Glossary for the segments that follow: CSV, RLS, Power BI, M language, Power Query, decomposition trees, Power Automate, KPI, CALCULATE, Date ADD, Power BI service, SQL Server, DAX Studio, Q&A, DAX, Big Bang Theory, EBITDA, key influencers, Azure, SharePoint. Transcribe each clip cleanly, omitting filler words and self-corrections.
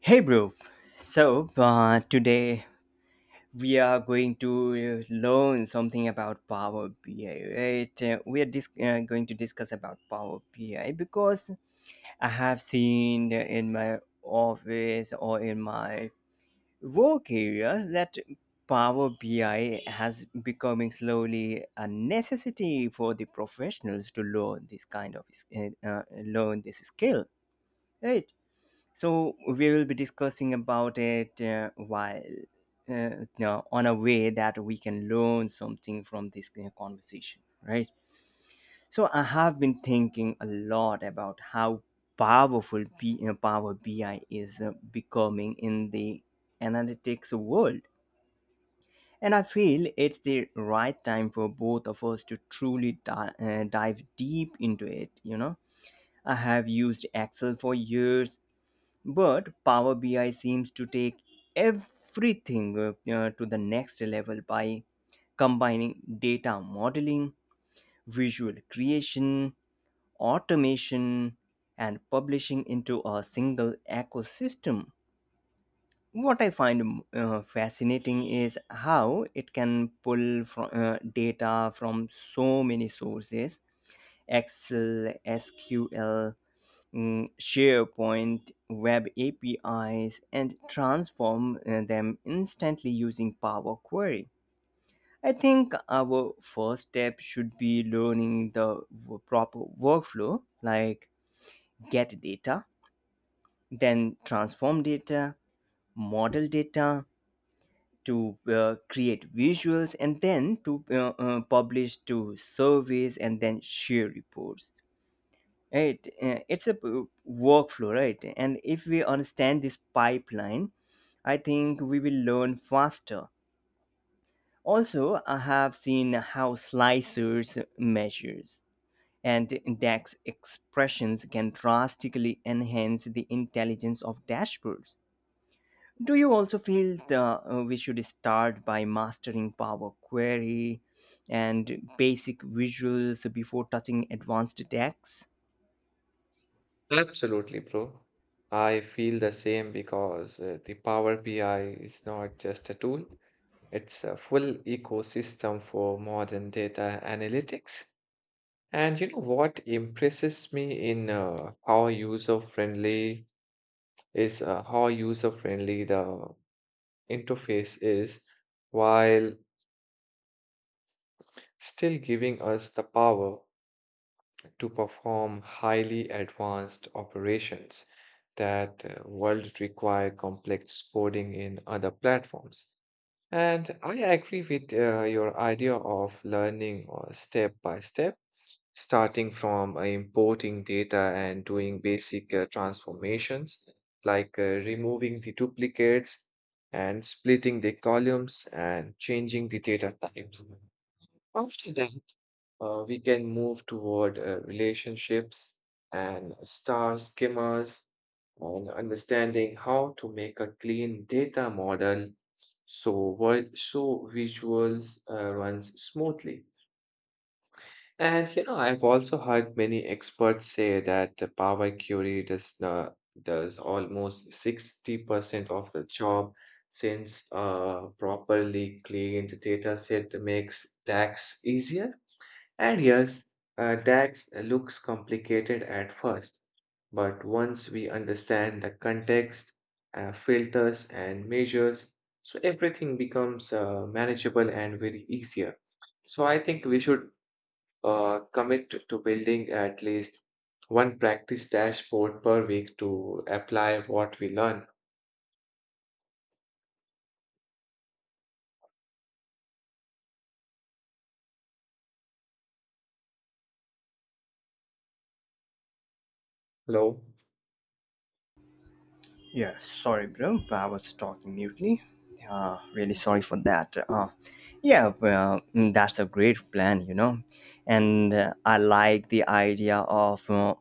Hey, bro. So, today we are going to learn something about Power BI, right? Going to discuss about Power BI because I have seen in my office or in my work areas that Power BI has becoming slowly a necessity for the professionals to learn this kind of learn this skill, right? So we will be discussing about it while on a way that we can learn something from this conversation, right? So I have been thinking a lot about how powerful Power BI is becoming in the analytics world. And I feel it's the right time for both of us to truly dive deep into it. You know, I have used Excel for years but Power BI seems to take everything to the next level by combining data modeling, visual creation, automation, and publishing into a single ecosystem. What I find fascinating is how it can pull data from so many sources: Excel, SQL, SharePoint, web APIs, and transform them instantly using Power Query. I think our first step should be learning the proper workflow like get data, then transform data, model data to create visuals, and then to publish to surveys and then share reports, right? It's a workflow, right? And if we understand this pipeline, I think we will learn faster. Also, I have seen how slicers, measures, and DAX expressions can drastically enhance the intelligence of dashboards. Do you also feel we should start by mastering Power Query and basic visuals before touching advanced DAX? Absolutely, bro. I feel the same because the Power BI is not just a tool, it's a full ecosystem for modern data analytics. And you know what impresses me in how user-friendly the interface is while still giving us the power to perform highly advanced operations that would require complex coding in other platforms. And I agree with your idea of learning step by step, starting from importing data and doing basic transformations like removing the duplicates and splitting the columns and changing the data types. After that, we can move toward relationships and star skimmers and understanding how to make a clean data model so so visuals runs smoothly. And you know, I've also heard many experts say that the Power Query does not, does almost 60% of the job since a properly cleaned data set makes tax easier. And yes, tax looks complicated at first, but once we understand the context, filters, and measures, so everything becomes manageable and very easier. So I think we should commit to building at least one practice dashboard per week to apply what we learn. Hello. Yeah, sorry, bro. I was talking mutely. Really sorry for that. Yeah, well, mm, that's a great plan, you know. And I like the idea of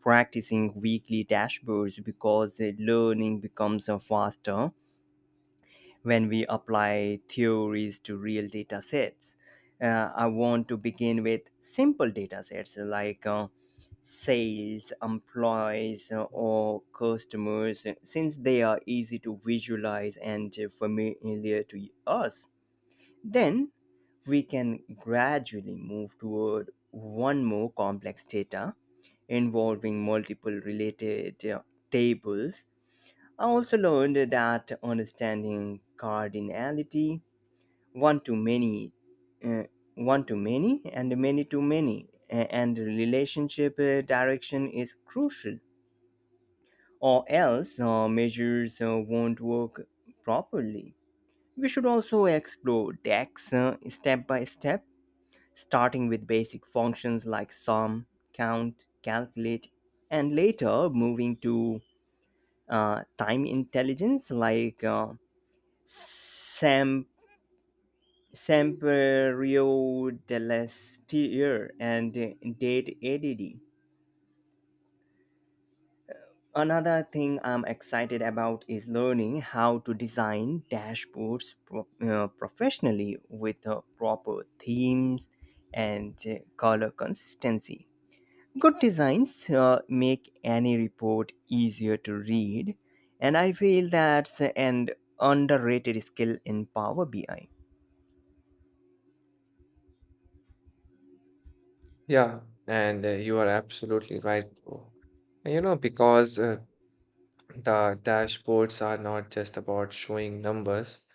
practicing weekly dashboards because learning becomes faster when we apply theories to real data sets. I want to begin with simple data sets like sales, employees, or customers, since they are easy to visualize and familiar to us. Then we can gradually move toward one more complex data involving multiple related tables. I also learned that understanding cardinality, one to many, uh, one to many, and many to many, and relationship direction is crucial, or else measures won't work properly. We should also explore DAX step by step, starting with basic functions like sum, count, calculate, and later moving to time intelligence like. Sam, Samperio dell'Estier and Date ADD. Another thing I'm excited about is learning how to design dashboards professionally with proper themes and color consistency. Good designs make any report easier to read, and I feel that's an underrated skill in Power BI. Yeah, and you are absolutely right, bro. And you know, because the dashboards are not just about showing numbers.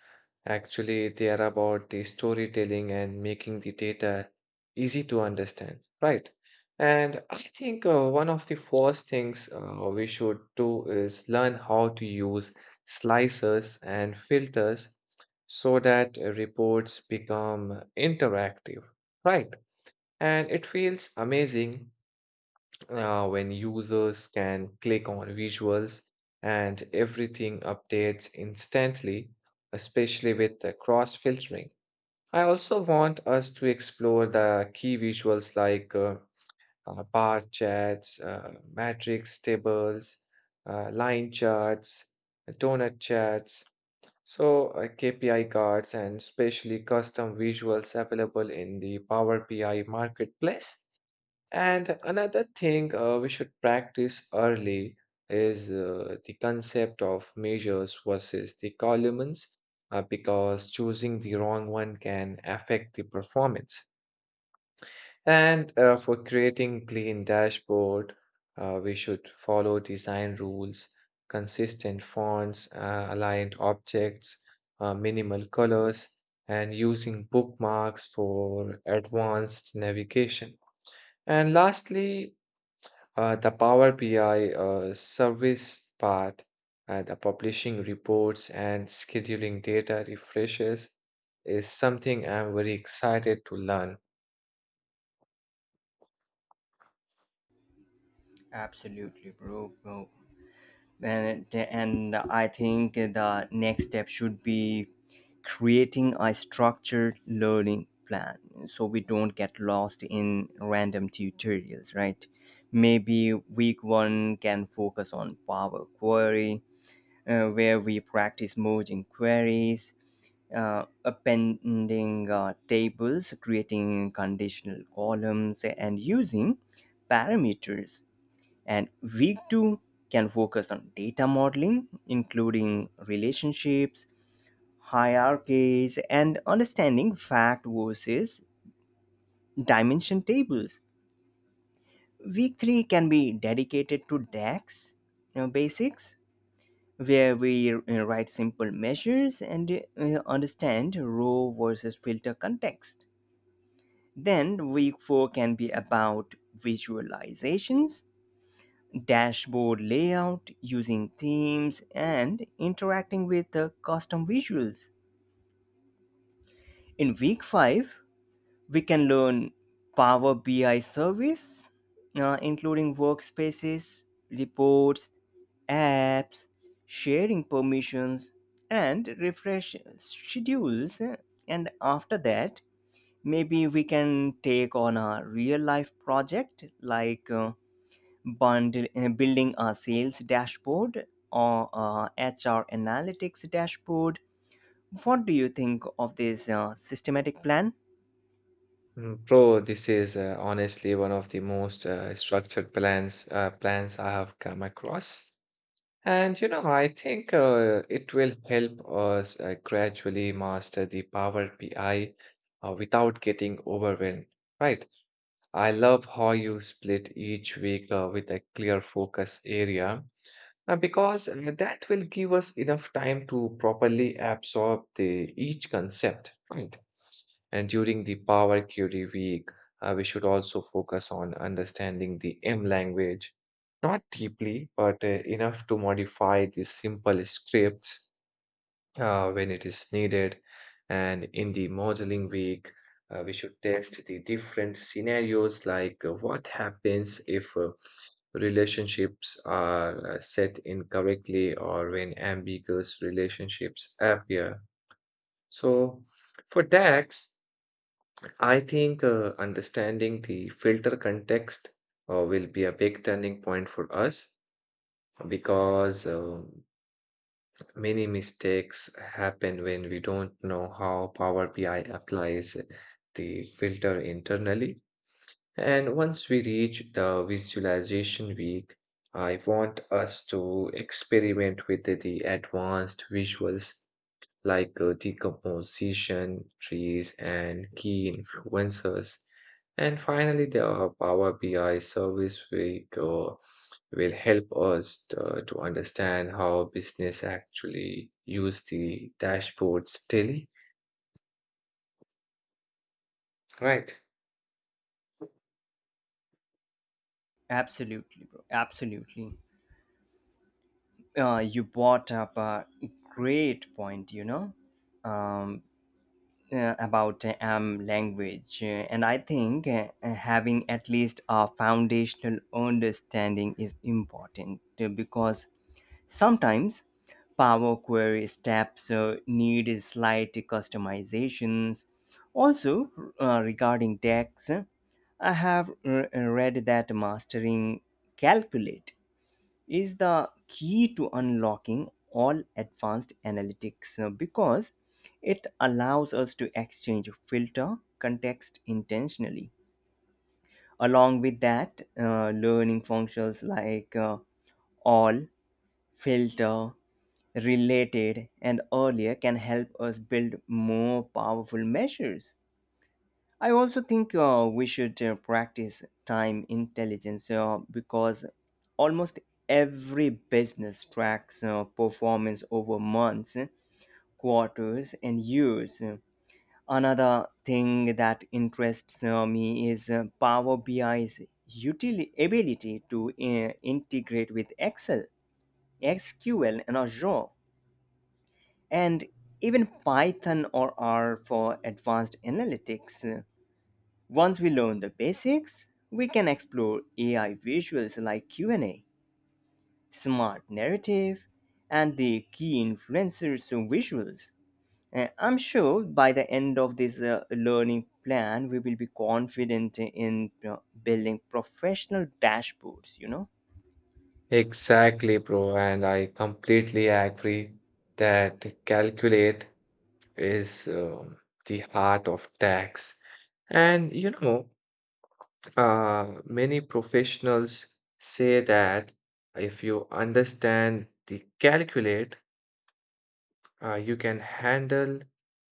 Actually, they are about the storytelling and making the data easy to understand, right? And I think one of the first things we should do is learn how to use slicers and filters so that reports become interactive, right? And it feels amazing when users can click on visuals and everything updates instantly, especially with the cross filtering. I also want us to explore the key visuals like bar charts, matrix tables, line charts, donut charts. So, KPI cards and especially custom visuals available in the Power BI marketplace. And another thing we should practice early is the concept of measures versus the columns, because choosing the wrong one can affect the performance. And for creating clean dashboard, we should follow design rules, consistent fonts, aligned objects, minimal colors, and using bookmarks for advanced navigation. And lastly, the Power BI service part, the publishing reports and scheduling data refreshes is something I'm very excited to learn. Absolutely, bro. Bro. And I think the next step should be creating a structured learning plan so we don't get lost in random tutorials, right? Maybe week 1 can focus on Power Query, where we practice merging queries, appending tables, creating conditional columns, and using parameters. And week two can focus on data modeling, including relationships, hierarchies, and understanding fact versus dimension tables. Week three can be dedicated to DAX basics, where we write simple measures and understand row versus filter context. Then week four can be about visualizations, dashboard layout, using themes, and interacting with the custom visuals. In week 5, we can learn Power BI service, including workspaces, reports, apps, sharing permissions, and refresh schedules. And after that, maybe we can take on a real life project like building a sales dashboard or a HR analytics dashboard. What do you think of this systematic plan? Bro, this is honestly one of the most structured plans I have come across. And you know, I think it will help us gradually master the Power BI without getting overwhelmed, right? I love how you split each week with a clear focus area because that will give us enough time to properly absorb the each concept, right? And during the Power Query week, we should also focus on understanding the M language, not deeply, but enough to modify the simple scripts when it is needed. And in the modeling week, we should test the different scenarios like what happens if relationships are set incorrectly or when ambiguous relationships appear. So, for DAX, I think understanding the filter context will be a big turning point for us because many mistakes happen when we don't know how Power BI applies the filter internally. And once we reach the visualization week, I want us to experiment with the advanced visuals like decomposition, trees, and key influencers. And finally, the Power BI service will help us to understand how business actually use the dashboards daily. Right. Absolutely, bro. Absolutely. You brought up a great point, you know, um, about language. And I think having at least a foundational understanding is important because sometimes Power Query steps need slight customizations. Also, regarding DAX, I have read that mastering Calculate is the key to unlocking all advanced analytics because it allows us to exchange filter context intentionally. Along with that, learning functions like all, filter, related, and earlier can help us build more powerful measures. I also think we should practice time intelligence because almost every business tracks performance over months, quarters, and years. Another thing that interests me is Power BI's ability to integrate with Excel, SQL, and Azure and even Python or R for advanced analytics. Once we learn the basics, we can explore AI visuals like Q&A, smart narrative, and the key influencers visuals. I'm sure by the end of this learning plan, we will be confident in building professional dashboards, you know? Exactly, bro. And I completely agree that calculate is the heart of tax. And you know, many professionals say that if you understand the calculate, you can handle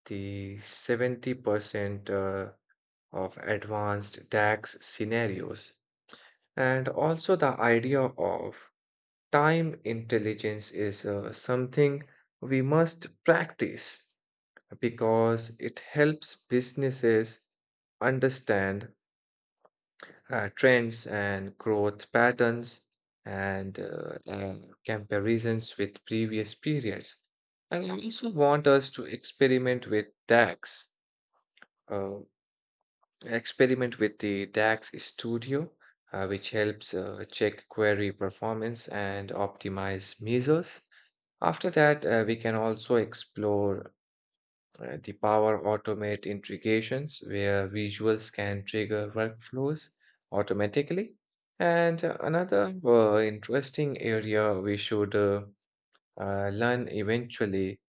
the 70% of advanced tax scenarios. And also, the idea of time intelligence is something we must practice because it helps businesses understand trends and growth patterns and comparisons with previous periods. And I also want us to experiment with DAX, uh, experiment with the DAX Studio, which helps check query performance and optimize measures. After that, we can also explore the power automate integrations where visuals can trigger workflows automatically. And another interesting area we should learn eventually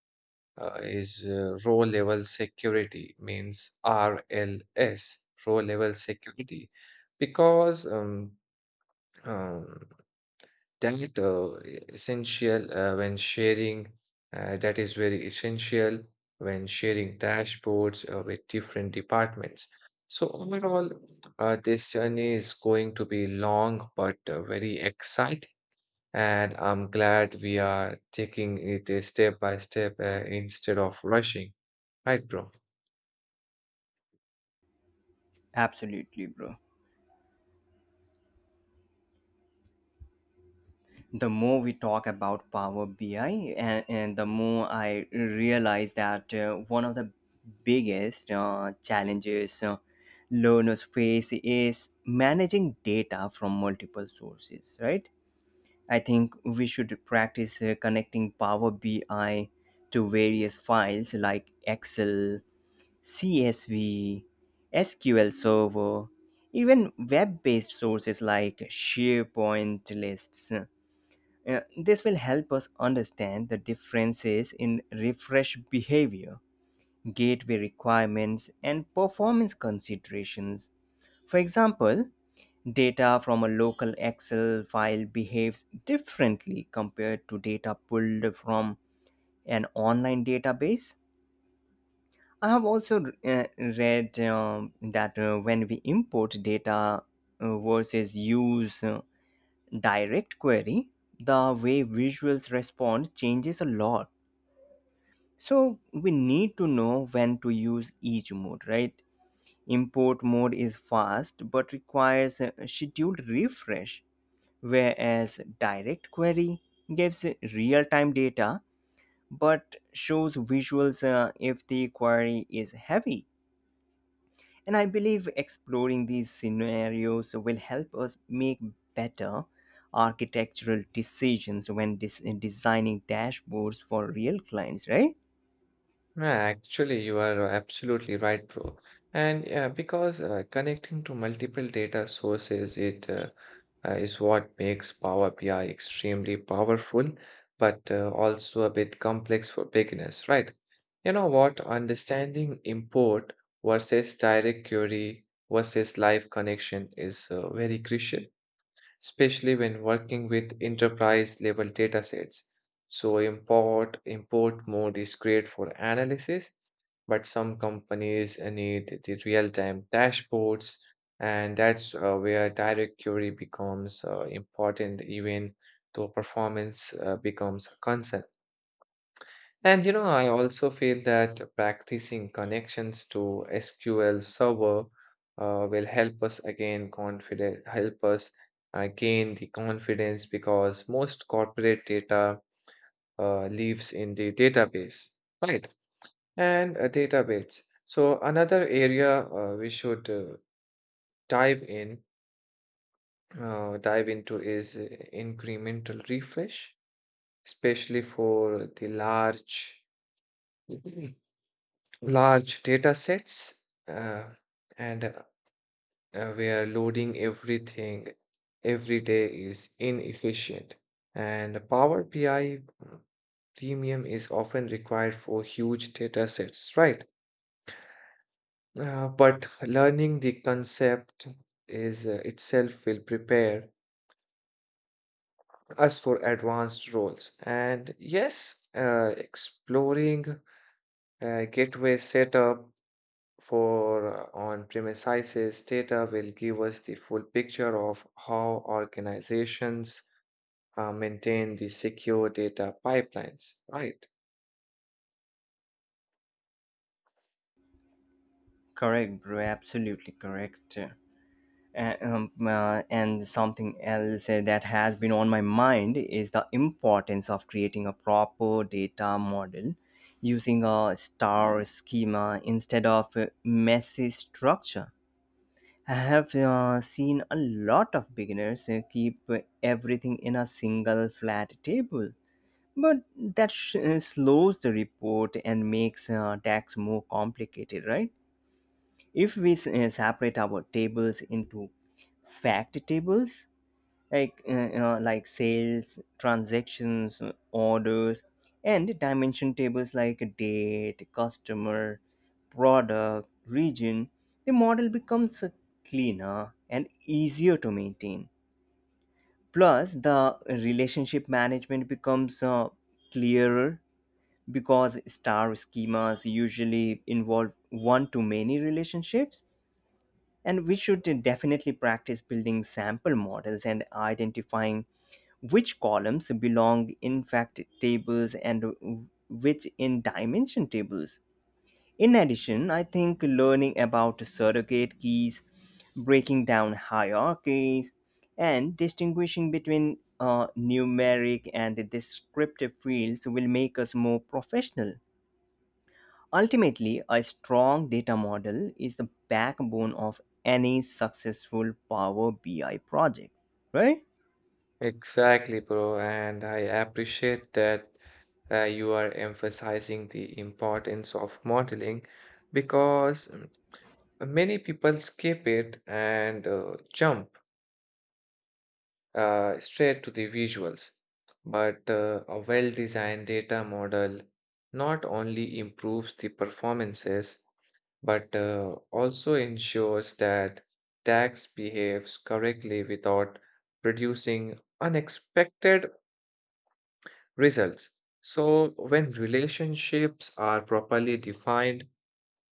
is row level security, because um, that essential when sharing, that is very essential when sharing dashboards with different departments. So overall, this journey is going to be long but very exciting, and I'm glad we are taking it step by step instead of rushing. Right, bro? Absolutely, bro. The more we talk about Power BI, and the more I realize that one of the biggest challenges learners face is managing data from multiple sources, right? I think we should practice connecting Power BI to various files like Excel, CSV, SQL Server, even web based sources like SharePoint lists. This will help us understand the differences in refresh behavior, gateway requirements, and performance considerations. For example, data from a local Excel file behaves differently compared to data pulled from an online database. I have also read that when we import data versus use direct query, the way visuals respond changes a lot. So we need to know when to use each mode, right? Import mode is fast but requires a scheduled refresh, whereas direct query gives real time data but shows visuals if the query is heavy. And I believe exploring these scenarios will help us make better architectural decisions when designing dashboards for real clients, right? No, actually, you are absolutely right, bro. And yeah, because connecting to multiple data sources, it is what makes Power BI extremely powerful, but also a bit complex for beginners, right? You know what? Understanding import versus direct query versus live connection is very crucial especially when working with enterprise level datasets. So import mode is great for analysis, but some companies need the real-time dashboards, and that's where direct query becomes important even though performance becomes a concern. And you know, I also feel that practicing connections to SQL Server will help us gain the confidence because most corporate data lives in the database, right? And a database. So another area we should dive in dive into is incremental refresh, especially for the large large data sets and where loading everything every day is inefficient, and Power BI, premium is often required for huge data sets, right? But learning the concept is itself will prepare us for advanced roles. And yes, exploring gateway setup for on-premises data will give us the full picture of how organizations maintain the secure data pipelines, right? Correct, bro. Absolutely correct. And something else that has been on my mind is the importance of creating a proper data model using a star schema instead of a messy structure. I have seen a lot of beginners keep everything in a single flat table, but that slows the report and makes tax more complicated, right? If we separate our tables into fact tables like, you know, like sales transactions, orders, and dimension tables like date, customer, product, region, the model becomes cleaner and easier to maintain. Plus the relationship management becomes clearer because star schemas usually involve one to many relationships. And we should definitely practice building sample models and identifying which columns belong in fact tables and which in dimension tables. In addition, I think learning about surrogate keys, breaking down hierarchies, and distinguishing between numeric and descriptive fields will make us more professional. Ultimately, a strong data model is the backbone of any successful Power BI project, right? Exactly, bro. And I appreciate that you are emphasizing the importance of modeling because many people skip it and jump straight to the visuals. But a well designed data model not only improves the performances but also ensures that tax behaves correctly without producing unexpected results. So, when relationships are properly defined,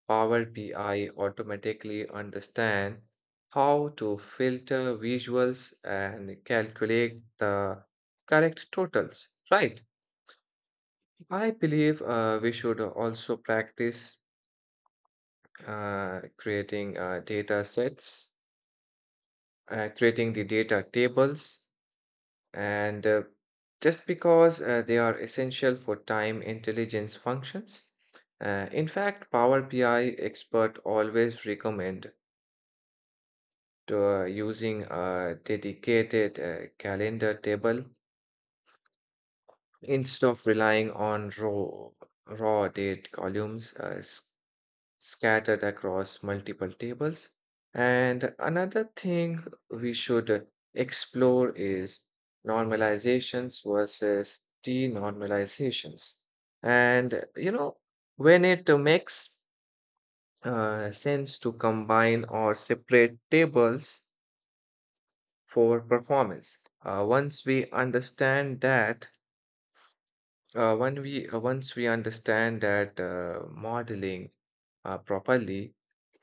Power BI automatically understand how to filter visuals and calculate the correct totals, right? I believe we should also practice uh, creating uh, data sets, creating the data tables, and just because they are essential for time intelligence functions. In fact, Power BI expert always recommend to using a dedicated calendar table instead of relying on raw date columns, scattered across multiple tables. And another thing we should explore is normalizations versus denormalizations. And you know, when it makes sense to combine or separate tables for performance. Once we understand that, when we Once we understand that modeling properly,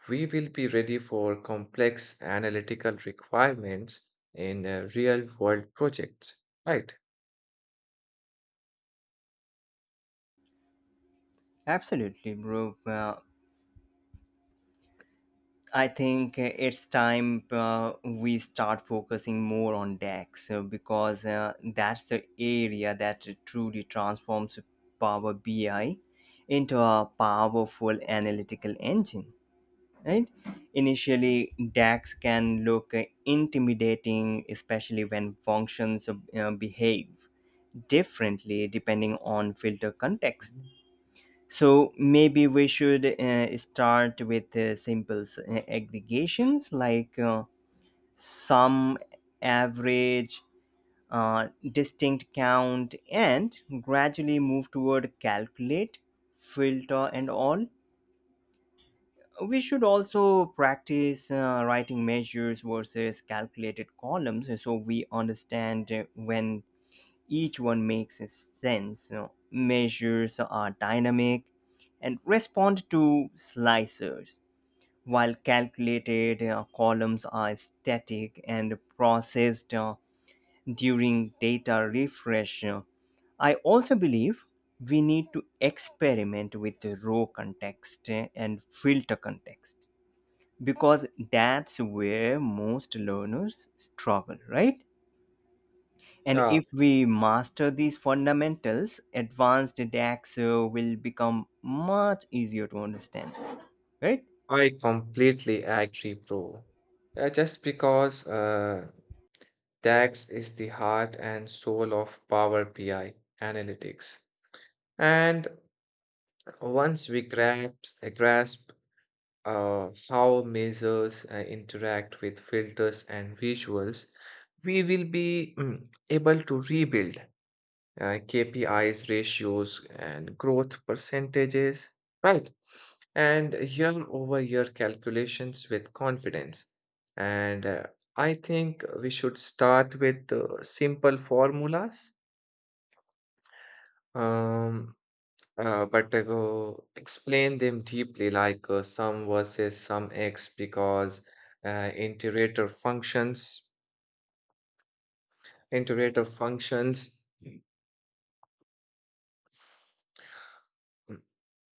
we will be ready for complex analytical requirements in real-world projects, right? Absolutely, bro. I think it's time we start focusing more on DAX because that's the area that truly transforms Power BI into a powerful analytical engine. Right. Initially DAX can look intimidating, especially when functions behave differently depending on filter context. Mhm. So maybe we should start with simple aggregations like sum, average, distinct count, and gradually move toward calculate, filter, and all. We should also practice writing measures versus calculated columns so we understand when each one makes sense. You measures are dynamic and respond to slicers, while calculated columns are static and processed during data refresh. I also believe we need to experiment with the row context and filter context because that's where most learners struggle, right? And Yeah, if we master these fundamentals, advanced DAX will become much easier to understand, right? I completely agree, bro. Just because DAX is the heart and soul of Power BI analytics. And once we grasp how measures interact with filters and visuals, we will be able to rebuild uh, KPIs, ratios, and growth percentages, right? And year over year calculations with confidence. And I think we should start with simple formulas. Um, but I go explain them deeply, like some versus some x, because uh, iterator functions, iterator mm,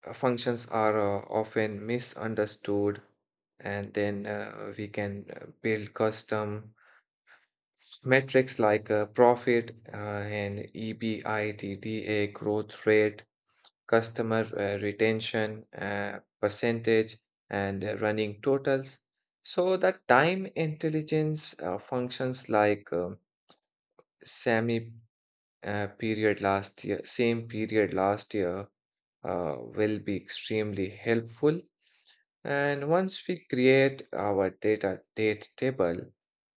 functions are often misunderstood, and then we can build custom metrics like profit and EBITDA growth rate, customer retention percentage, and running totals. So the time intelligence functions like semi period last year, same period last year will be extremely helpful. And once we create our data date table,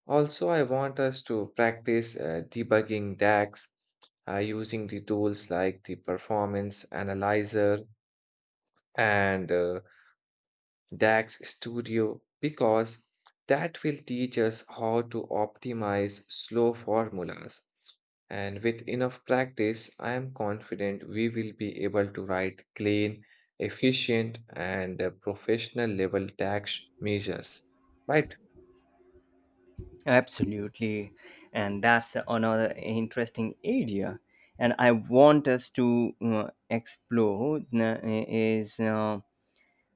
also I want us to practice debugging DAX using the tools like the performance analyzer and DAX Studio because that will teach us how to optimize slow formulas. And with enough practice, I am confident we will be able to write clean, efficient, and professional level tax measures. Right? Absolutely. And that's another interesting area. And I want us to explore is.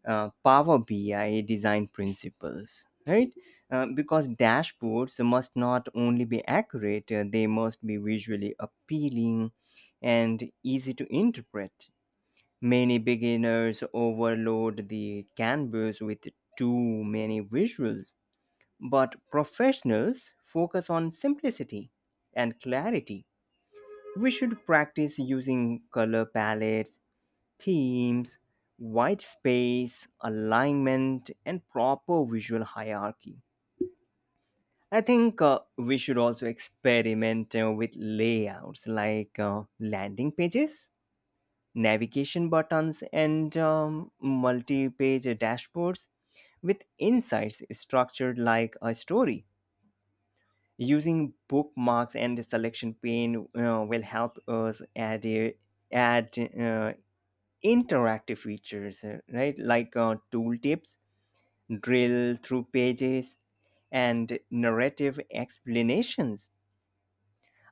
Power BI design principles, right? Because dashboards must not only be accurate, they must be visually appealing and easy to interpret. Many beginners overload the canvas with too many visuals, but professionals focus on simplicity and clarity. We should practice using color palettes, themes, white space, alignment, and proper visual hierarchy. I think we should also experiment with layouts like landing pages, navigation buttons, and multi page dashboards with insights structured like a story. Using bookmarks and selection pane will help us add interactive features, right? Like tooltips, drill through pages, and narrative explanations.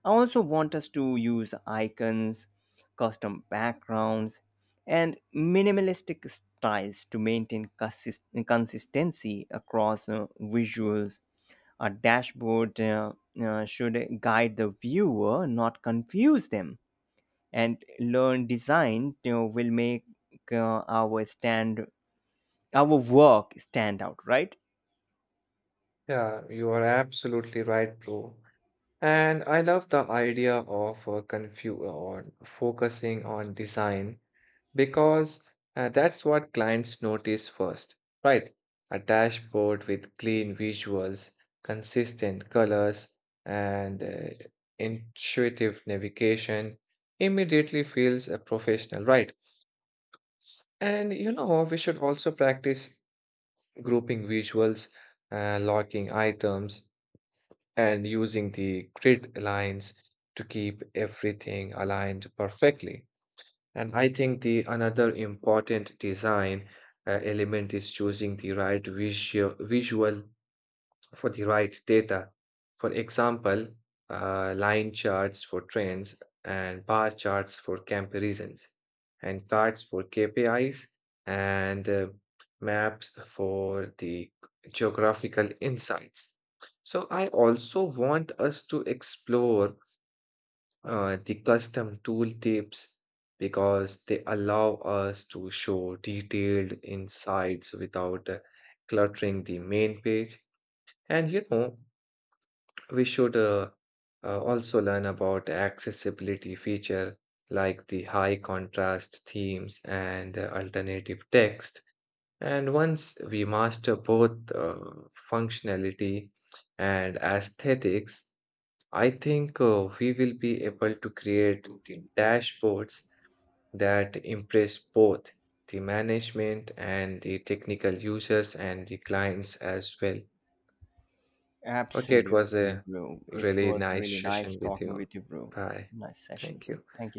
I also want us to use icons, custom backgrounds, and minimalistic styles to maintain consistency across visuals. A dashboard should guide the viewer, not confuse them. And learn design, you know, will make uh, our stand our work stand out, right? Yeah, you are absolutely right, bro. And I love the idea of on focusing on design because that's what clients notice first, right? A dashboard with clean visuals, consistent colors, and intuitive navigation immediately feels a professional, right? And you know, we should also practice grouping visuals, locking items, and using the grid lines to keep everything aligned perfectly. And I think the another important design element is choosing the right visual for the right data. For example, line charts for trends and bar charts for comparisons and charts for KPIs and maps for the geographical insights. So I also want us to explore the custom tooltips because they allow us to show detailed insights without cluttering the main page. And you know, we should also learn about accessibility feature like the high contrast themes and alternative text. And once we master both functionality and aesthetics, I think we will be able to create the dashboards that impress both the management and the technical users and the clients as well. Okay, it was Absolutely, a bro. It really was nice really nice session with talking you. with you, bro. Bye. Nice session. Thank you. Thank you.